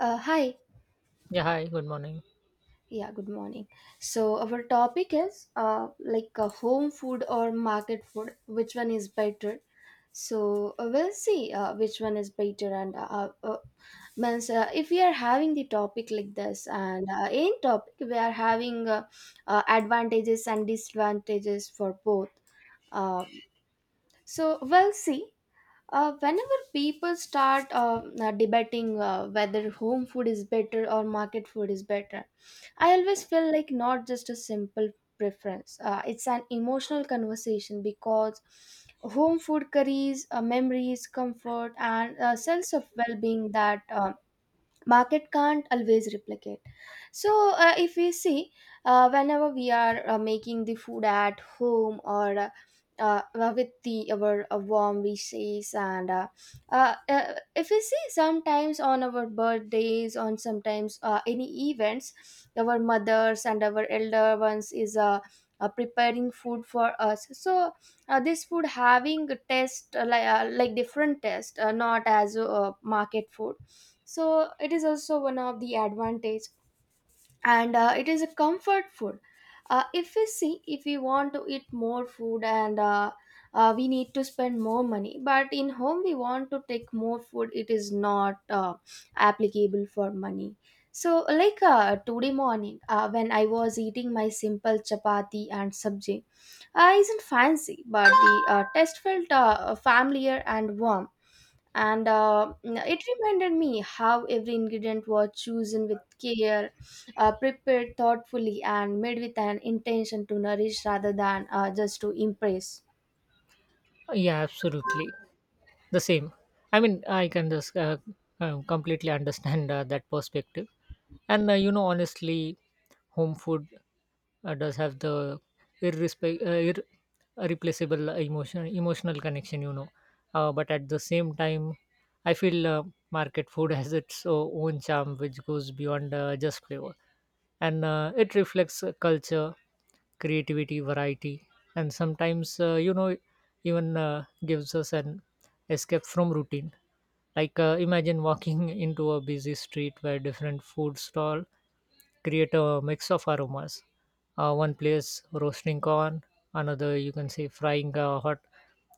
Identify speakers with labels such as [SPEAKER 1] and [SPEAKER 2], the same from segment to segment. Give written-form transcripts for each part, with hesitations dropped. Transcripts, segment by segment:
[SPEAKER 1] Hi.
[SPEAKER 2] Yeah, hi, good morning.
[SPEAKER 1] Yeah, good morning. So our topic is home food or market food, which one is better? So we'll see which one is better. And means If we are having the topic like this, and in topic we are having advantages and disadvantages for both. Uh, so we'll see. Whenever people start debating whether home food is better or market food is better, I always feel like not just a simple preference. It's an emotional conversation because home food carries memories, comfort, and a sense of well being that market can't always replicate. So if we see, whenever we are making the food at home or with the our warm wishes and if we see sometimes on our birthdays, on sometimes any events, our mothers and our elder ones is preparing food for us. So this food having a taste like like different taste, not as market food. So it is also one of the advantage. And it is a comfort food. If we see, if we want to eat more food, and we need to spend more money, but in home we want to take more food, it is not applicable for money. So today morning, when I was eating my simple chapati and sabji, isn't fancy, but the taste felt familiar and warm. And it reminded me how every ingredient was chosen with care, prepared thoughtfully and made with an intention to nourish rather than just to impress.
[SPEAKER 2] Yeah, absolutely. The same. I mean, I can just completely understand that perspective. You know, honestly, home food does have the irrespe- uh, irreplaceable emotional connection, you know. But at the same time, I feel market food has its own charm, which goes beyond just flavor. And it reflects culture, creativity, variety, and sometimes, you know, even gives us an escape from routine. Like, imagine walking into a busy street where different food stall create a mix of aromas. One place roasting corn, another you can say frying hot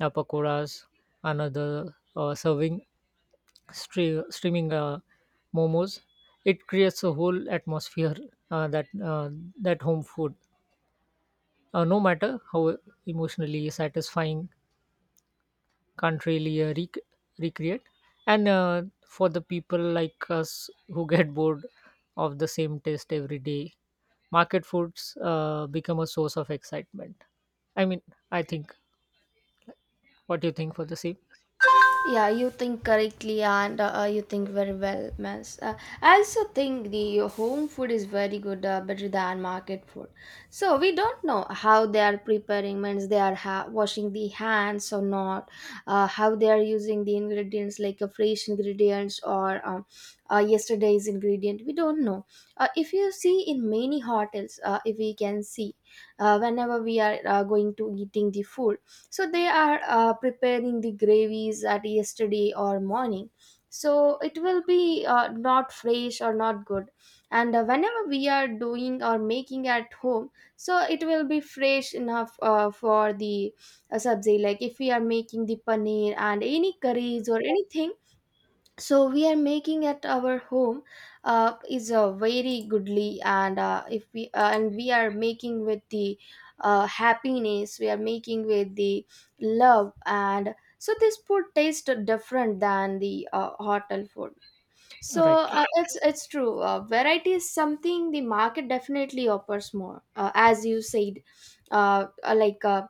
[SPEAKER 2] pakoras, another serving streaming momos. It creates a whole atmosphere uh, that uh, that home food, no matter how emotionally satisfying, can't really recreate. And for the people like us who get bored of the same taste every day, market foods become a source of excitement. I mean, I think, what do you think for the same?
[SPEAKER 1] Yeah, you think correctly and you think very well, miss. I also think the home food is very good, better than market food. So we don't know how they are preparing, means they are washing the hands or not, how they are using the ingredients like a fresh ingredients or yesterday's ingredient. We don't know. If you see in many hotels, if we can see, whenever we are going to eating the food, so they are preparing the gravies at yesterday or morning, so it will be not fresh or not good. And whenever we are doing or making at home, so it will be fresh enough for the sabzi. Like if we are making the paneer and any curries or anything, so we are making at our home, is very goodly, and if we and we are making with the happiness, we are making with the love, and so this food tastes different than the hotel food. So
[SPEAKER 2] Right, right,
[SPEAKER 1] it's true, variety is something the market definitely offers more, as you said. uh, uh, like uh,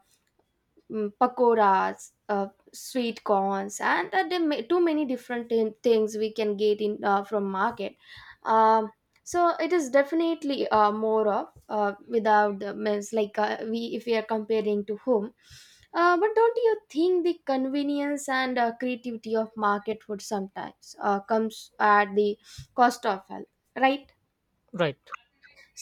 [SPEAKER 1] Pakoras, sweet corns, and there may, too many different things we can get in from market. Um, so it is definitely more of without the means, like we, if we are comparing to whom. But don't you think the convenience and creativity of market food sometimes comes at the cost of health, right?
[SPEAKER 2] right,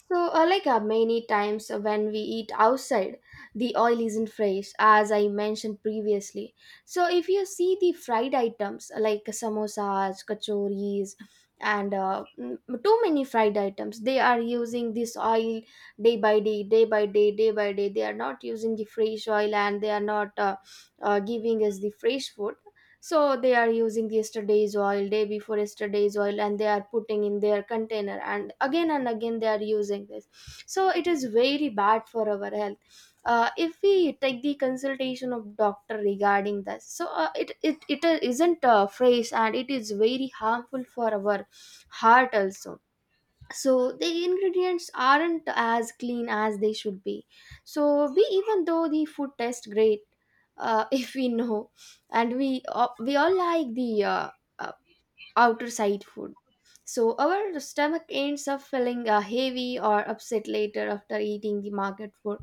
[SPEAKER 1] So, many times when we eat outside, the oil isn't fresh, as I mentioned previously. So, if you see the fried items, like samosas, kachoris, and too many fried items, they are using this oil day by day, day by day, day by day. They are not using the fresh oil and they are not giving us the fresh food. So they are using yesterday's oil, day before yesterday's oil, and they are putting in their container and again they are using this. So it is very bad for our health. If we take the consultation of doctor regarding this, so it isn't a phrase and it is very harmful for our heart also. So the ingredients aren't as clean as they should be, so we, even though the food tastes great, if we know, and we all like the uh, outer side food, so our stomach ends up feeling heavy or upset later after eating the market food.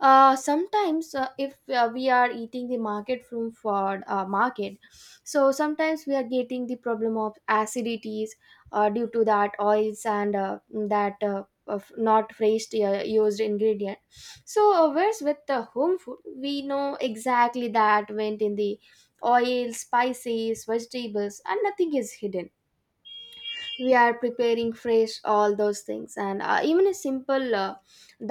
[SPEAKER 1] Sometimes, if we are eating the market from for market, so sometimes we are getting the problem of acidities, due to that oils and that of not fresh used ingredient. So whereas with the home food we know exactly that went in the oil, spices, vegetables, and nothing is hidden. We are preparing fresh all those things, and even a simple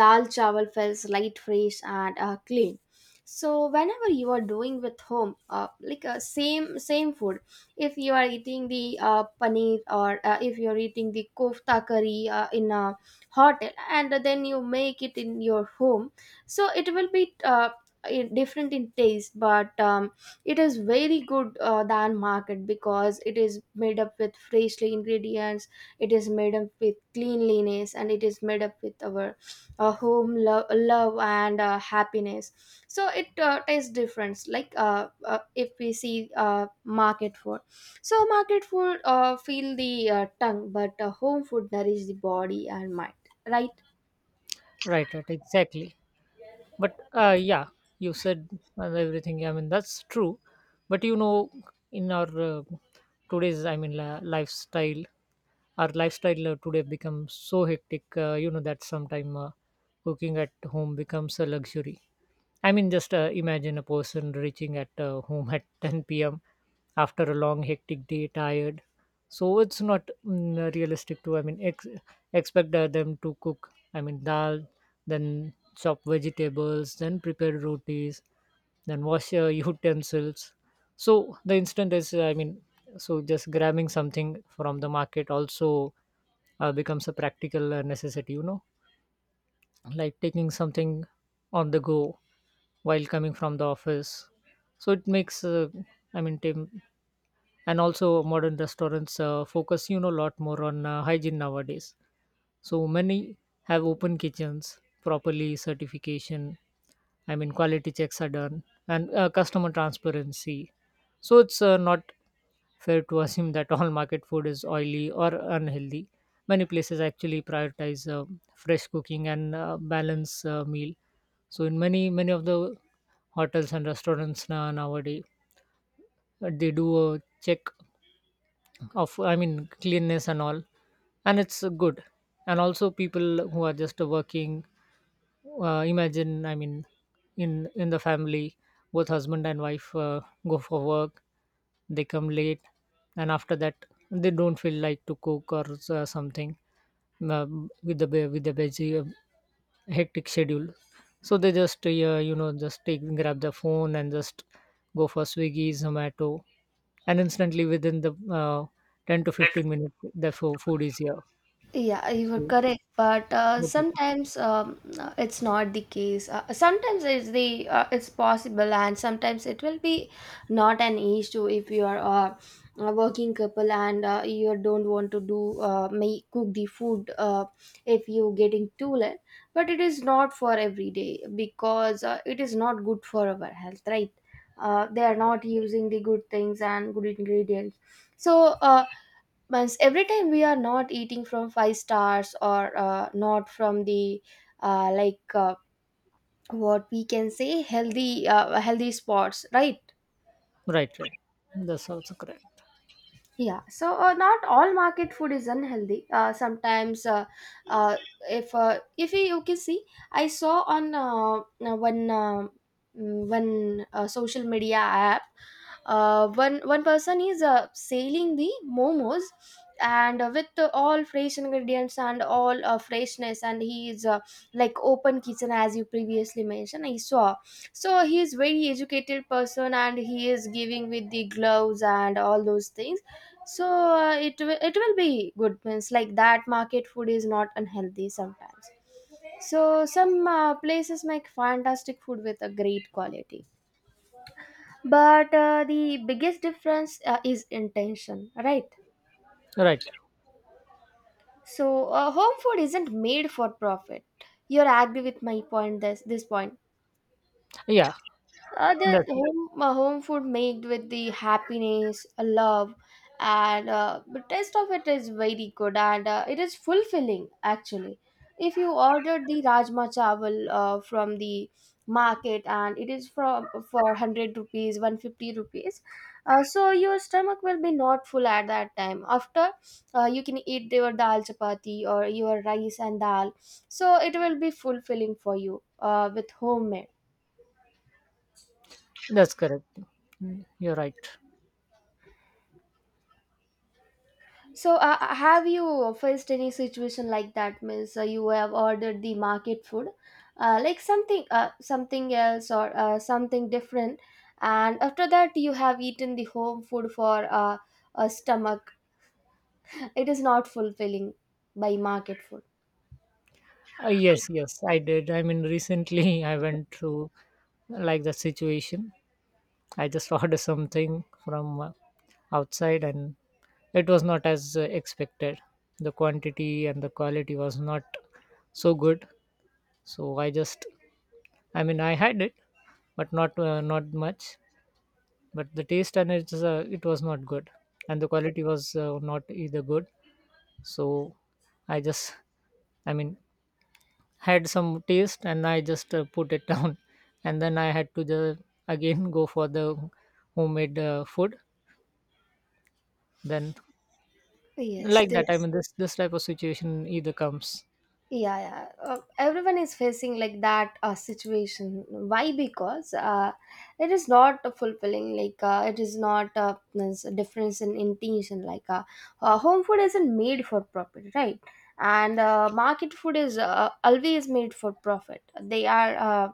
[SPEAKER 1] dal chawal feels light, fresh, and clean. So whenever you are doing with home, like same same food, if you are eating the paneer or if you are eating the kofta curry in a hotel and then you make it in your home, so it will be different in taste, but it is very good than market because it is made up with freshly ingredients, it is made up with cleanliness, and it is made up with our home love and happiness. So it tastes different. Like if we see market food, so market food feel the tongue, but home food nourish the body and mind, right?
[SPEAKER 2] right, right, exactly. But yeah, you said everything, I mean, that's true. But you know, in our, today's, I mean, lifestyle, our lifestyle today becomes so hectic, you know, that sometime cooking at home becomes a luxury. I mean, just imagine a person reaching at home at 10 p.m. after a long, hectic day, tired. So it's not, mm, realistic to, I mean, expect them to cook, I mean, dal, then chop vegetables, then prepare rotis, then wash your utensils. So the instant is, I mean, so just grabbing something from the market also becomes a practical necessity, you know, like taking something on the go while coming from the office. So it makes, I mean, and also modern restaurants focus, you know, a lot more on hygiene nowadays. So many have open kitchens, properly certification, I mean, quality checks are done, and customer transparency. So it's not fair to assume that all market food is oily or unhealthy. Many places actually prioritize fresh cooking and balance meal. So in many of the hotels and restaurants nowadays, they do a check of, I mean, cleanness and all, and it's good. And also people who are just working, imagine, I mean, in the family, both husband and wife go for work, they come late, and after that they don't feel like to cook or something uh, with the veggie hectic schedule. So they just, yeah, you know, just take grab the phone and just go for Swiggy Zomato, and instantly within the 10 to 15 minutes the food is here.
[SPEAKER 1] Yeah, you are
[SPEAKER 2] So
[SPEAKER 1] correct, but
[SPEAKER 2] what do you think?
[SPEAKER 1] sometimes it's not the case. Sometimes it's possible, and sometimes it will be not an issue if you are a working couple and you don't want to do make cook the food if you getting too late. But it is not for every day because it is not good for our health, right? They are not using the good things and good ingredients. So once every time we are not eating from five stars or not from the uh, like uh, what we can say healthy, healthy spots, right?
[SPEAKER 2] Right, right, that's also correct.
[SPEAKER 1] Yeah, so not all market food is unhealthy. Sometimes, uh, if you can see, I saw on uh, one uh, one social media app, one person is selling the momos, and with all fresh ingredients and all freshness, and he is like open kitchen, as you previously mentioned. I saw, so he is very educated person, and he is giving with the gloves and all those things. So it will be good, means like that market food is not unhealthy sometimes. So some places make fantastic food with a great quality. But the biggest difference is intention, right?
[SPEAKER 2] Right,
[SPEAKER 1] So home food isn't made for profit. You're agree with my point, this point?
[SPEAKER 2] yeah,
[SPEAKER 1] Uh, the
[SPEAKER 2] that's
[SPEAKER 1] home uh, home food made with the happiness, love, and the taste of it is very good and it is fulfilling actually. If you order the rajma chawal from the market and it is from for 100 rupees, 150 rupees, so your stomach will be not full at that time. After, you can eat your dal chapati or your rice and dal, so it will be fulfilling for you with homemade.
[SPEAKER 2] that's correct. Mm, you're right.
[SPEAKER 1] So, have you faced any situation like that? Means you have ordered the market food, like something, something else or something different, and after that you have eaten the home food for a stomach. It is not fulfilling by market food.
[SPEAKER 2] Yes, yes, I did. I mean, recently I went through like that situation. I just ordered something from outside, and it was not as expected. The quantity and the quality was not so good. So I just, I mean, I had it, but not not much. But the taste and it's, it was not good, and the quality was not either good. So I just, I mean, had some taste and I just put it down, and then I had to the again go for the homemade food. Then
[SPEAKER 1] Yes,
[SPEAKER 2] like
[SPEAKER 1] they
[SPEAKER 2] that I, Yes, mean this type of situation either comes.
[SPEAKER 1] yeah yeah everyone is facing like that situation. Why? Because it is not fulfilling, like it is not this difference in intention, like home food isn't made for profit, right? And market food is always made for profit. They are uh,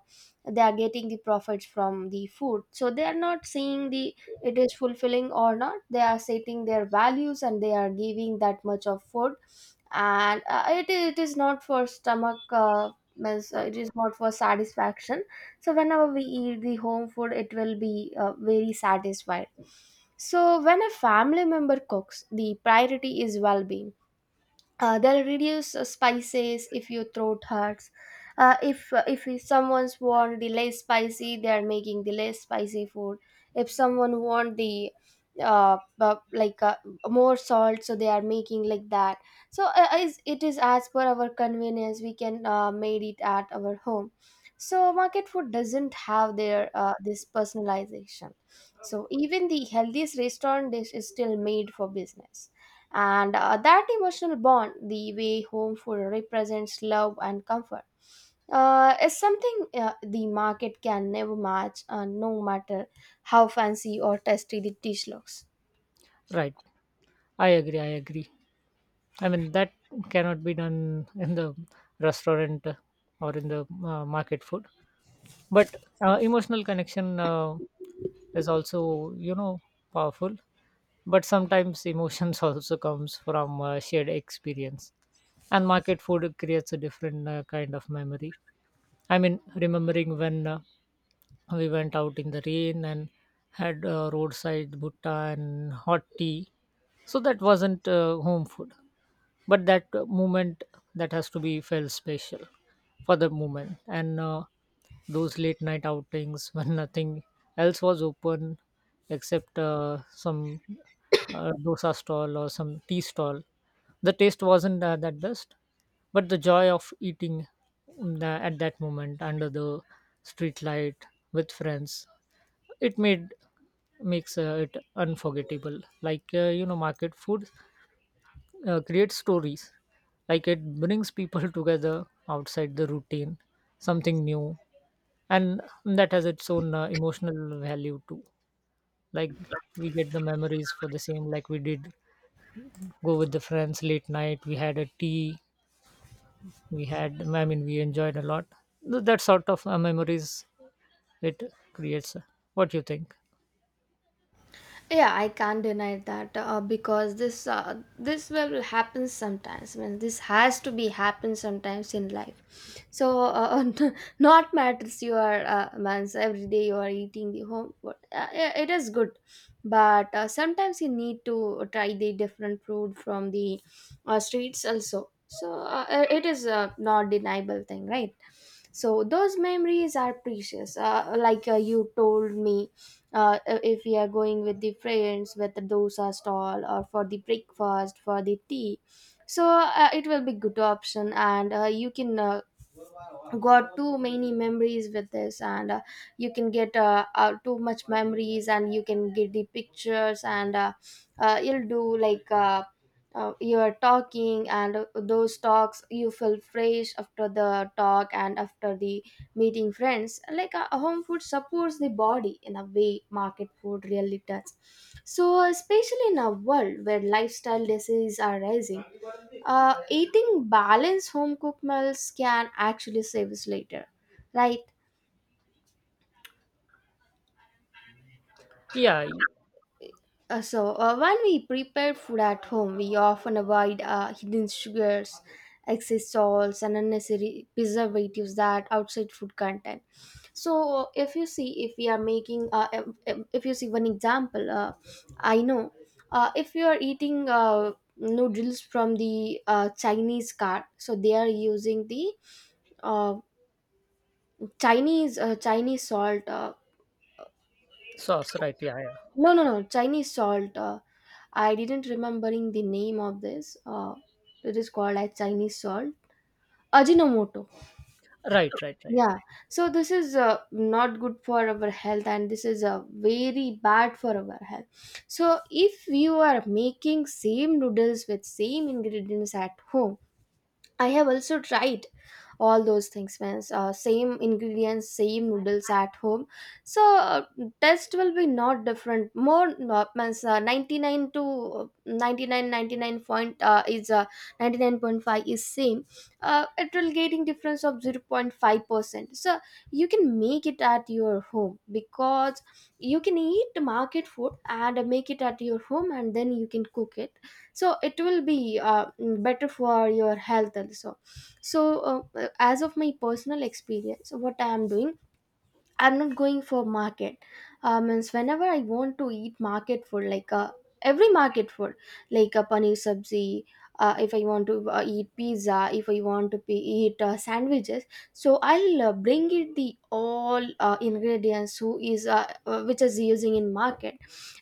[SPEAKER 1] they are getting the profits from the food, so they are not seeing the it is fulfilling or not. They are setting their values and they are giving that much of food. And it is not for stomach, it is not for satisfaction. So whenever we eat the home food it will be very satisfied. So when a family member cooks, the priority is well-being. They'll reduce spices if your throat hurts. If someone's want the less spicy, they're making the less spicy food. If someone want the uh, uh, like uh, more salt, so they are making like that. So it is as per our convenience, we can made it at our home. So market food doesn't have their this personalization. So even the healthiest restaurant dish is still made for business. And that emotional bond, the way home food represents love and comfort, is something the market can never match, no matter how fancy or tasty the dish looks.
[SPEAKER 2] Right, I agree, I agree. I mean, that cannot be done in the restaurant or in the market food. But emotional connection is also, you know, powerful. But sometimes emotions also comes from shared experience, and market food creates a different kind of memory. I mean, remembering when we went out in the rain and had roadside butta and hot tea. So that wasn't home food, but that moment, that has to be felt special for the moment. And those late night outings when nothing else was open except some dosa stall or some tea stall. The taste wasn't that best, but the joy of eating, mm, at that moment under the street light with friends, it made makes it unforgettable. Like, you know, market food create stories, like it brings people together outside the routine, something new, and that has its own emotional value too. Like, we get the memories for the same, like we did go with the friends late night, we had a tea, we had, I mean, we enjoyed a lot. That sort of memories it creates. What do you think?
[SPEAKER 1] Yeah, I can't deny that, because this will happen sometimes. I mean, this has to be happen sometimes in life. So not matters you are means every day you are eating the home food, yeah, it is good. But sometimes you need to try the different food from the streets also. So it is a not deniable thing, right? So those memories are precious, like you told me. If we are going with the friends with the dosa stall, or for the breakfast for the tea, so it will be good option. And you can got too many memories with this. And you can get too much memories and you can get the pictures. And you'll do like you're talking, and those talks you feel fresh after the talk and after the meeting friends. Like home food supports the body in a way market food really does. So especially in a world where lifestyle diseases are rising, eating balanced home cooked meals can actually save us later, right?
[SPEAKER 2] yeah you-
[SPEAKER 1] So when we prepare food at home, we often avoid hidden sugars, excess salts, and unnecessary preservatives that outside food contain. So, if you see, if we are making, if you see one example, I know if you are eating noodles from the Chinese cart, so they are using the uh, uh, Chinese salt.
[SPEAKER 2] Sauce, right, yeah, yeah.
[SPEAKER 1] No, no, no. Chinese salt. I didn't remembering the name of this. It is called as Chinese salt. Ajinomoto.
[SPEAKER 2] Right, right,
[SPEAKER 1] Yeah. So this is not good for our health, and this is very bad for our health. So if you are making same noodles with same ingredients at home, I have also tried all those things. Means same ingredients same noodles at home. So taste will be not different more, no, means 99 to 99.99 is 99.5 is same. It will getting difference of 0. 0.5 percent. So you can make it at your home, because you can eat market food and make it at your home and then you can cook it. So it will be better for your health also. So as of my personal experience, what I am doing, I'm not going for market. Means whenever I want to eat market food, like every market food, like a paneer sabzi, if I want to eat pizza, if I want to be, eat sandwiches, so I'll bring it the all ingredients who is which is using in market,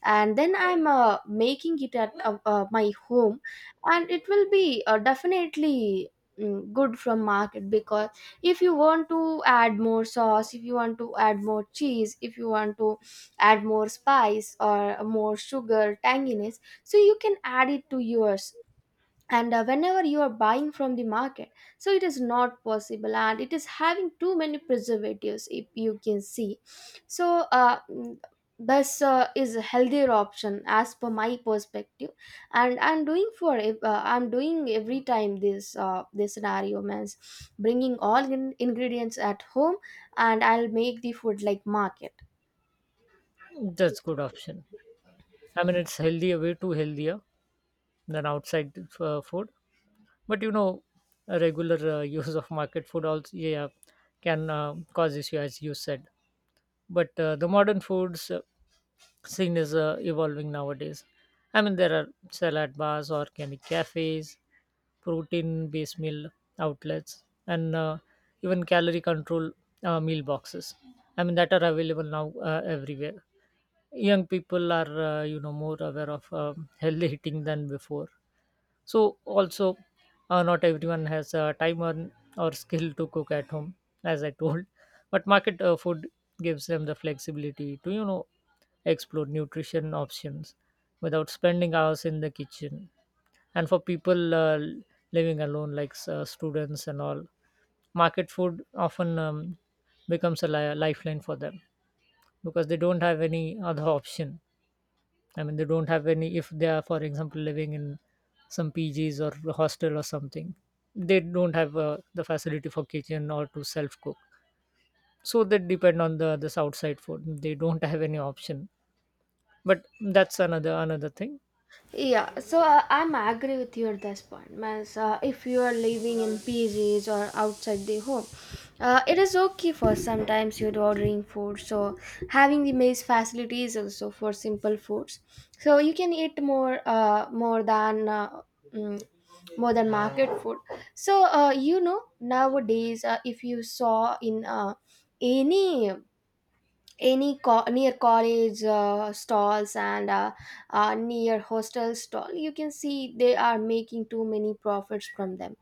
[SPEAKER 1] and then I'm making it at my home, and it will be definitely mm, good from market. Because if you want to add more sauce, if you want to add more cheese, if you want to add more spice or more sugar tanginess, so you can add it to yours. And whenever you are buying from the market, so it is not possible, and it is having too many preservatives if you can see. So this is a healthier option as per my perspective. And I'm doing for I'm doing every time this this scenario, means bringing all ingredients at home and I'll make the food like market.
[SPEAKER 2] right, that's good option. I mean, it's healthier way too, healthier than outside food. But you know, a regular use of market food also, yeah, can cause issue, as you said. But the modern foods scene is evolving nowadays. I mean, there are salad bars, organic cafes, protein based meal outlets, and even calorie control meal boxes, I mean, that are available now everywhere. Young people are, you know, more aware of um, healthy eating than before. So also, not everyone has time or skill to cook at home, as I told. But market food gives them the flexibility to, you know, explore nutrition options without spending hours in the kitchen. And for people living alone, like students and all, market food often, becomes a lifeline for them, because they don't have any other option. I mean, they don't have any, if they are, for example, living in some PGs or hostel or something, they don't have the facility for kitchen or to self cook. So they depend on the this outside food. They don't have any option. But that's another thing.
[SPEAKER 1] Yeah, so I'm agree with you at this point. Means, if you are living in PGs or outside the home, it is okay for sometimes you're ordering food. So having the mess facilities also for simple foods. So you can eat more, more than. Mm, More than market food. So you know nowadays if you saw in any any near college stalls, and near hostel stall, you can see they are making too many profits from them,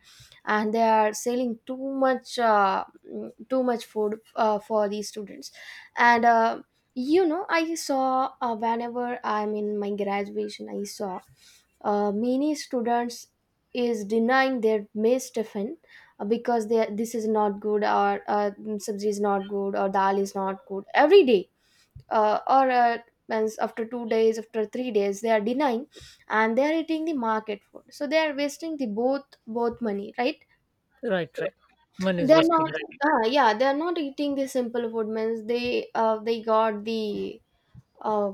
[SPEAKER 1] and they are selling too much too much food for these students. And you know, I saw whenever I'm in my graduation, I saw many students is denying their mess tiffin, because they this is not good, or sabzi is not good, or dal is not good every day. Or Means after 2 days, after 3 days they are denying, and they are eating the market food. So they are wasting the both money, right?
[SPEAKER 2] Right, right. Money
[SPEAKER 1] They
[SPEAKER 2] is
[SPEAKER 1] are
[SPEAKER 2] wasting.
[SPEAKER 1] not
[SPEAKER 2] Right.
[SPEAKER 1] yeah, they are not eating the simple food. Means they got the uh,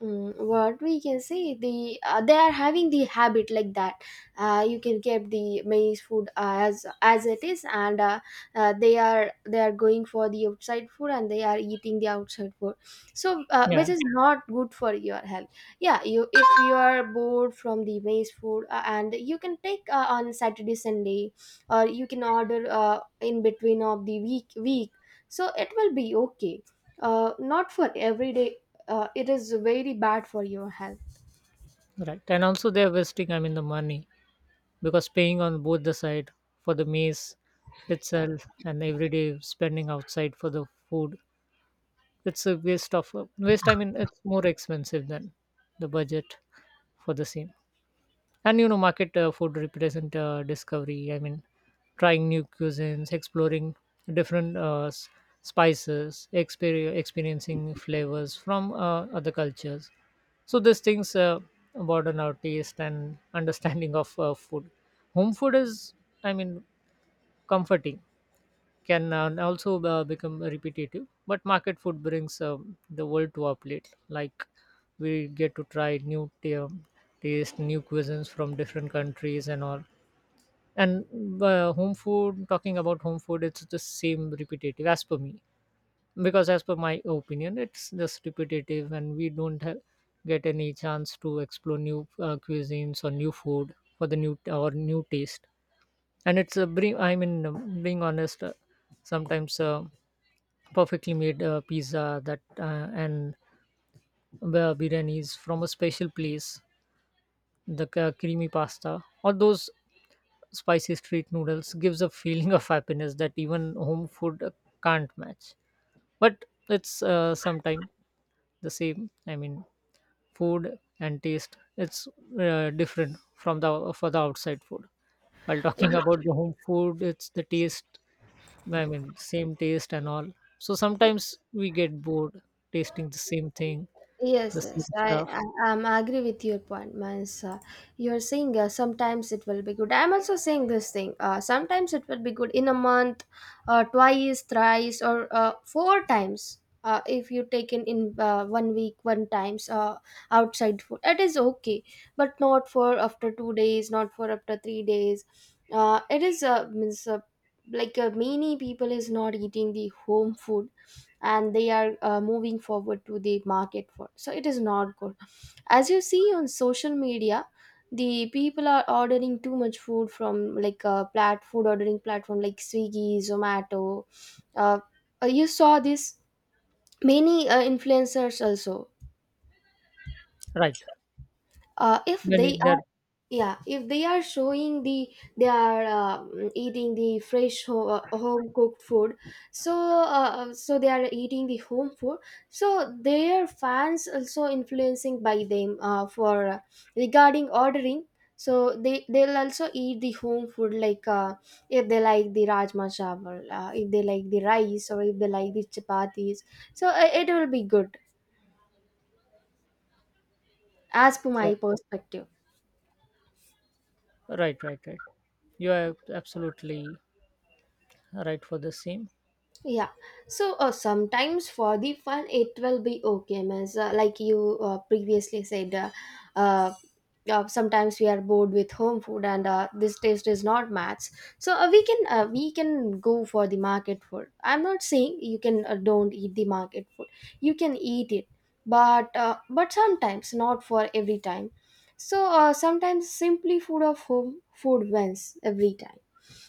[SPEAKER 1] mm, what we can say, the they are having the habit like that. You can keep the maize food as it is, and they are going for the outside food, and they are eating the outside food. So which
[SPEAKER 2] Yeah,
[SPEAKER 1] is not good for your health. Yeah, you, if you are bored from the maize food, and you can take on saturday sunday, or you can order in between of the week. So it will be okay, not for every day. It is very bad for your health.
[SPEAKER 2] right. And also they're wasting, I mean, the money, because paying on both the side for the maize itself and everyday spending outside for the food, it's a waste of waste I mean, it's more expensive than the budget for the same. And you know, market food represent discovery. I mean, trying new cuisines, exploring different spices, experiencing flavors from other cultures. So these things broaden our taste and understanding of food. Home food is, I mean, comforting, can also become repetitive, but market food brings, the world to our plate. Like, we get to try new taste, new cuisines from different countries and all. And home food, talking about home food, it's the same repetitive, as per me. Because as per my opinion, it's just repetitive and we don't have, get any chance to explore new cuisines or new food for the new or new taste. And it's a bring I mean, being honest, sometimes perfectly made pizza that and biryanis from a special place, the creamy pasta, or those spicy street noodles gives a feeling of happiness that even home food can't match. But it's sometime the same. I mean, food and taste, it's different from the for the outside food. While talking about the home food, it's the taste, I mean, same taste and all. So sometimes we get bored tasting the same thing,
[SPEAKER 1] Yes,
[SPEAKER 2] the
[SPEAKER 1] yes,
[SPEAKER 2] same
[SPEAKER 1] I,
[SPEAKER 2] stuff.
[SPEAKER 1] I am agree with your point. Means you're saying sometimes it will be good. I'm also saying this thing. Sometimes it will be good in a month, twice, thrice, or four times. If you take in one week, one times outside food, it is okay, but not for after 2 days, not for after 3 days. It is means like many people is not eating the home food, and they are moving forward to the market for. So it is not good. As you see on social media, the people are ordering too much food from like a plat food ordering platform like swiggy zomato. uh, you saw this many influencers also
[SPEAKER 2] Right.
[SPEAKER 1] if
[SPEAKER 2] Many,
[SPEAKER 1] they are,
[SPEAKER 2] they're
[SPEAKER 1] yeah, if they are showing the they are eating the fresh home cooked food. So so they are eating the home food. So their fans also influencing by them for regarding ordering. So they'll also eat the home food, like if they like the rajma chawal, if they like the rice, or if they like the chapatis. So it will be good as per my perspective.
[SPEAKER 2] right, right, right. You are absolutely right for the same.
[SPEAKER 1] Yeah, so sometimes for the fun it will be okay, Miss. Like you previously said, uh, sometimes we are bored with home food, and this taste is not match. So we can go for the market food. I'm not saying you can don't eat the market food. You can eat it, but sometimes, not for every time. So sometimes simply food of home food wins every time.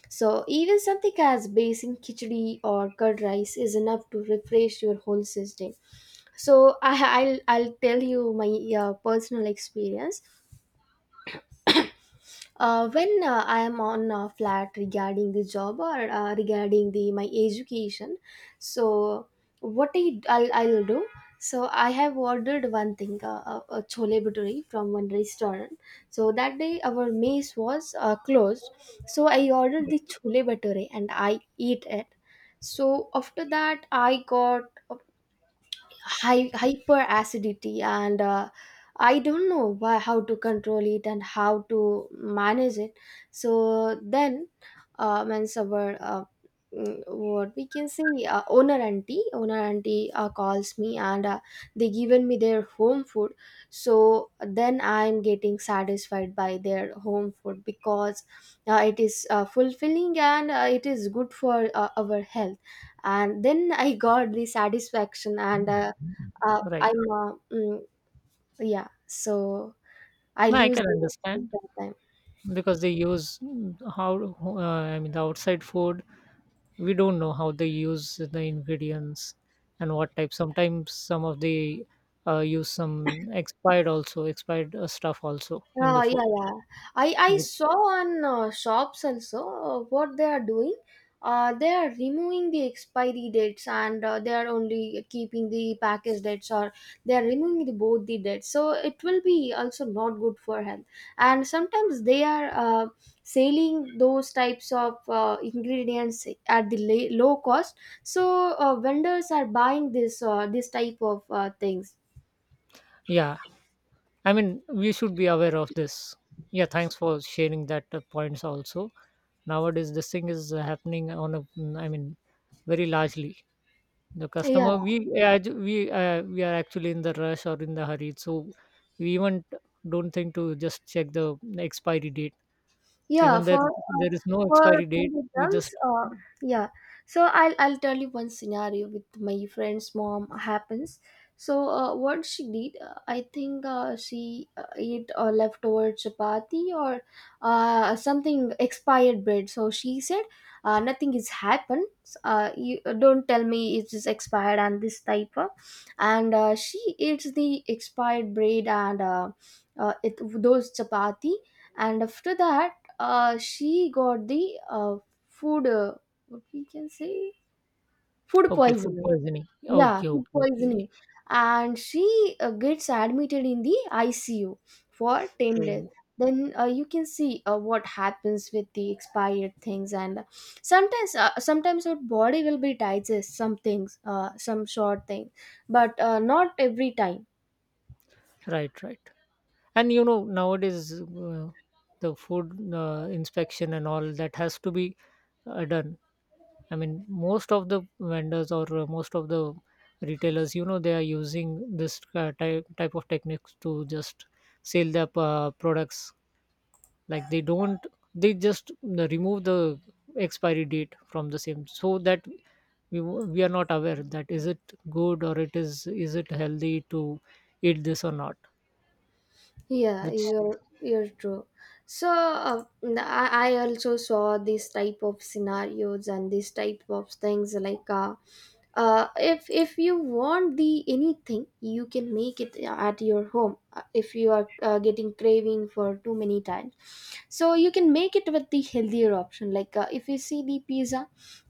[SPEAKER 1] So even something as basic khichdi or curd rice is enough to refresh your whole system. So I'll tell you my personal experience. When I am on a flat regarding the job, or regarding the my education, so what I'll do, so I have ordered one thing, a chole bhature from one restaurant. So that day our mess was closed. So I ordered the chole bhature and I eat it. So after that I got hyperacidity, and I don't know why, how to control it and how to manage it. So then uh, means our uh, what we can say, owner auntie calls me, and they given me their home food. So then I'm getting satisfied by their home food, because it is fulfilling, and it is good for our health. And then I got the satisfaction, and
[SPEAKER 2] Right.
[SPEAKER 1] I'm yeah. So I
[SPEAKER 2] No, I
[SPEAKER 1] lose
[SPEAKER 2] can
[SPEAKER 1] the
[SPEAKER 2] understand,
[SPEAKER 1] that time.
[SPEAKER 2] because they use, mm, how, I mean, the outside food. We don't know how they use the ingredients and what type. Sometimes some of the use some expired stuff also in
[SPEAKER 1] Ah
[SPEAKER 2] the food.
[SPEAKER 1] yeah, yeah. I
[SPEAKER 2] With-
[SPEAKER 1] saw on shops also what they are doing. They are removing the expiry dates, and they are only keeping the package dates, or they are removing the both the dates. So it will be also not good for health. And sometimes they are selling those types of ingredients at the low cost. So vendors are buying this this type of things.
[SPEAKER 2] Yeah, I mean, we should be aware of this. Yeah, thanks for sharing that points also. Nowadays this thing is happening on a, mm, I mean, very largely. The
[SPEAKER 1] Yeah.
[SPEAKER 2] customer, we, yeah, we, we are actually in the rush or in the hurry, so we even don't think to just check the expiry date.
[SPEAKER 1] yeah
[SPEAKER 2] Even
[SPEAKER 1] for
[SPEAKER 2] there,
[SPEAKER 1] uh,
[SPEAKER 2] there is no
[SPEAKER 1] for
[SPEAKER 2] expiry
[SPEAKER 1] for
[SPEAKER 2] date,
[SPEAKER 1] the
[SPEAKER 2] we just,
[SPEAKER 1] drums, yeah, so I'll tell you one scenario with my friend's mom happens. So what she did, I think she ate leftover chapati, or something expired bread. So she said nothing is happened, you don't tell me it is expired, and this type of. And she eats the expired bread, and uh, it, those chapati. And after that she got the food, what we can say, food
[SPEAKER 2] okay, food
[SPEAKER 1] poisoning.
[SPEAKER 2] poisoning,
[SPEAKER 1] Yeah,
[SPEAKER 2] okay,
[SPEAKER 1] food
[SPEAKER 2] okay, okay,
[SPEAKER 1] poisoning, and she gets admitted in the ICU for 10 days.
[SPEAKER 2] so,
[SPEAKER 1] Then you can see what happens with the expired things. And sometimes our body will be digest some things, some short thing, but not every time.
[SPEAKER 2] right, right. And you know, nowadays the food inspection and all that has to be done. I mean, most of the vendors or most of the retailers, you know, they are using this type of techniques to just sell their products. Like, they don't, they just remove the expiry date from the same, so that we we are not aware that is it good, or it is it healthy to eat this or not.
[SPEAKER 1] Yeah,
[SPEAKER 2] Which
[SPEAKER 1] you're true. So I also saw this type of scenarios and this type of things. Like if you want the anything, you can make it at your home. If you are getting craving for too many times, so you can make it with the healthier option. Like if you see the pizza,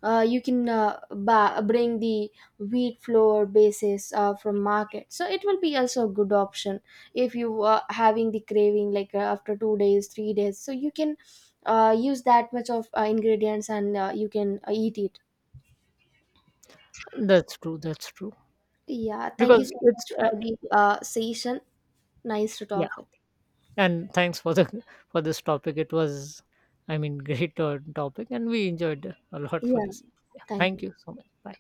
[SPEAKER 1] you can bring the wheat flour basis from market. So it will be also a good option. If you are having the craving like after 2 days 3 days, so you can use that much of ingredients, and you can eat it.
[SPEAKER 2] That's true, that's true,
[SPEAKER 1] Yeah, thank
[SPEAKER 2] because
[SPEAKER 1] you so much
[SPEAKER 2] it's
[SPEAKER 1] for the session. Nice to talk with
[SPEAKER 2] and thanks for the for this topic. It was, I mean, great topic, and we enjoyed a lot
[SPEAKER 1] you.
[SPEAKER 2] for
[SPEAKER 1] Yeah,
[SPEAKER 2] this. Yeah,
[SPEAKER 1] thank
[SPEAKER 2] thank
[SPEAKER 1] you.
[SPEAKER 2] you so much, bye.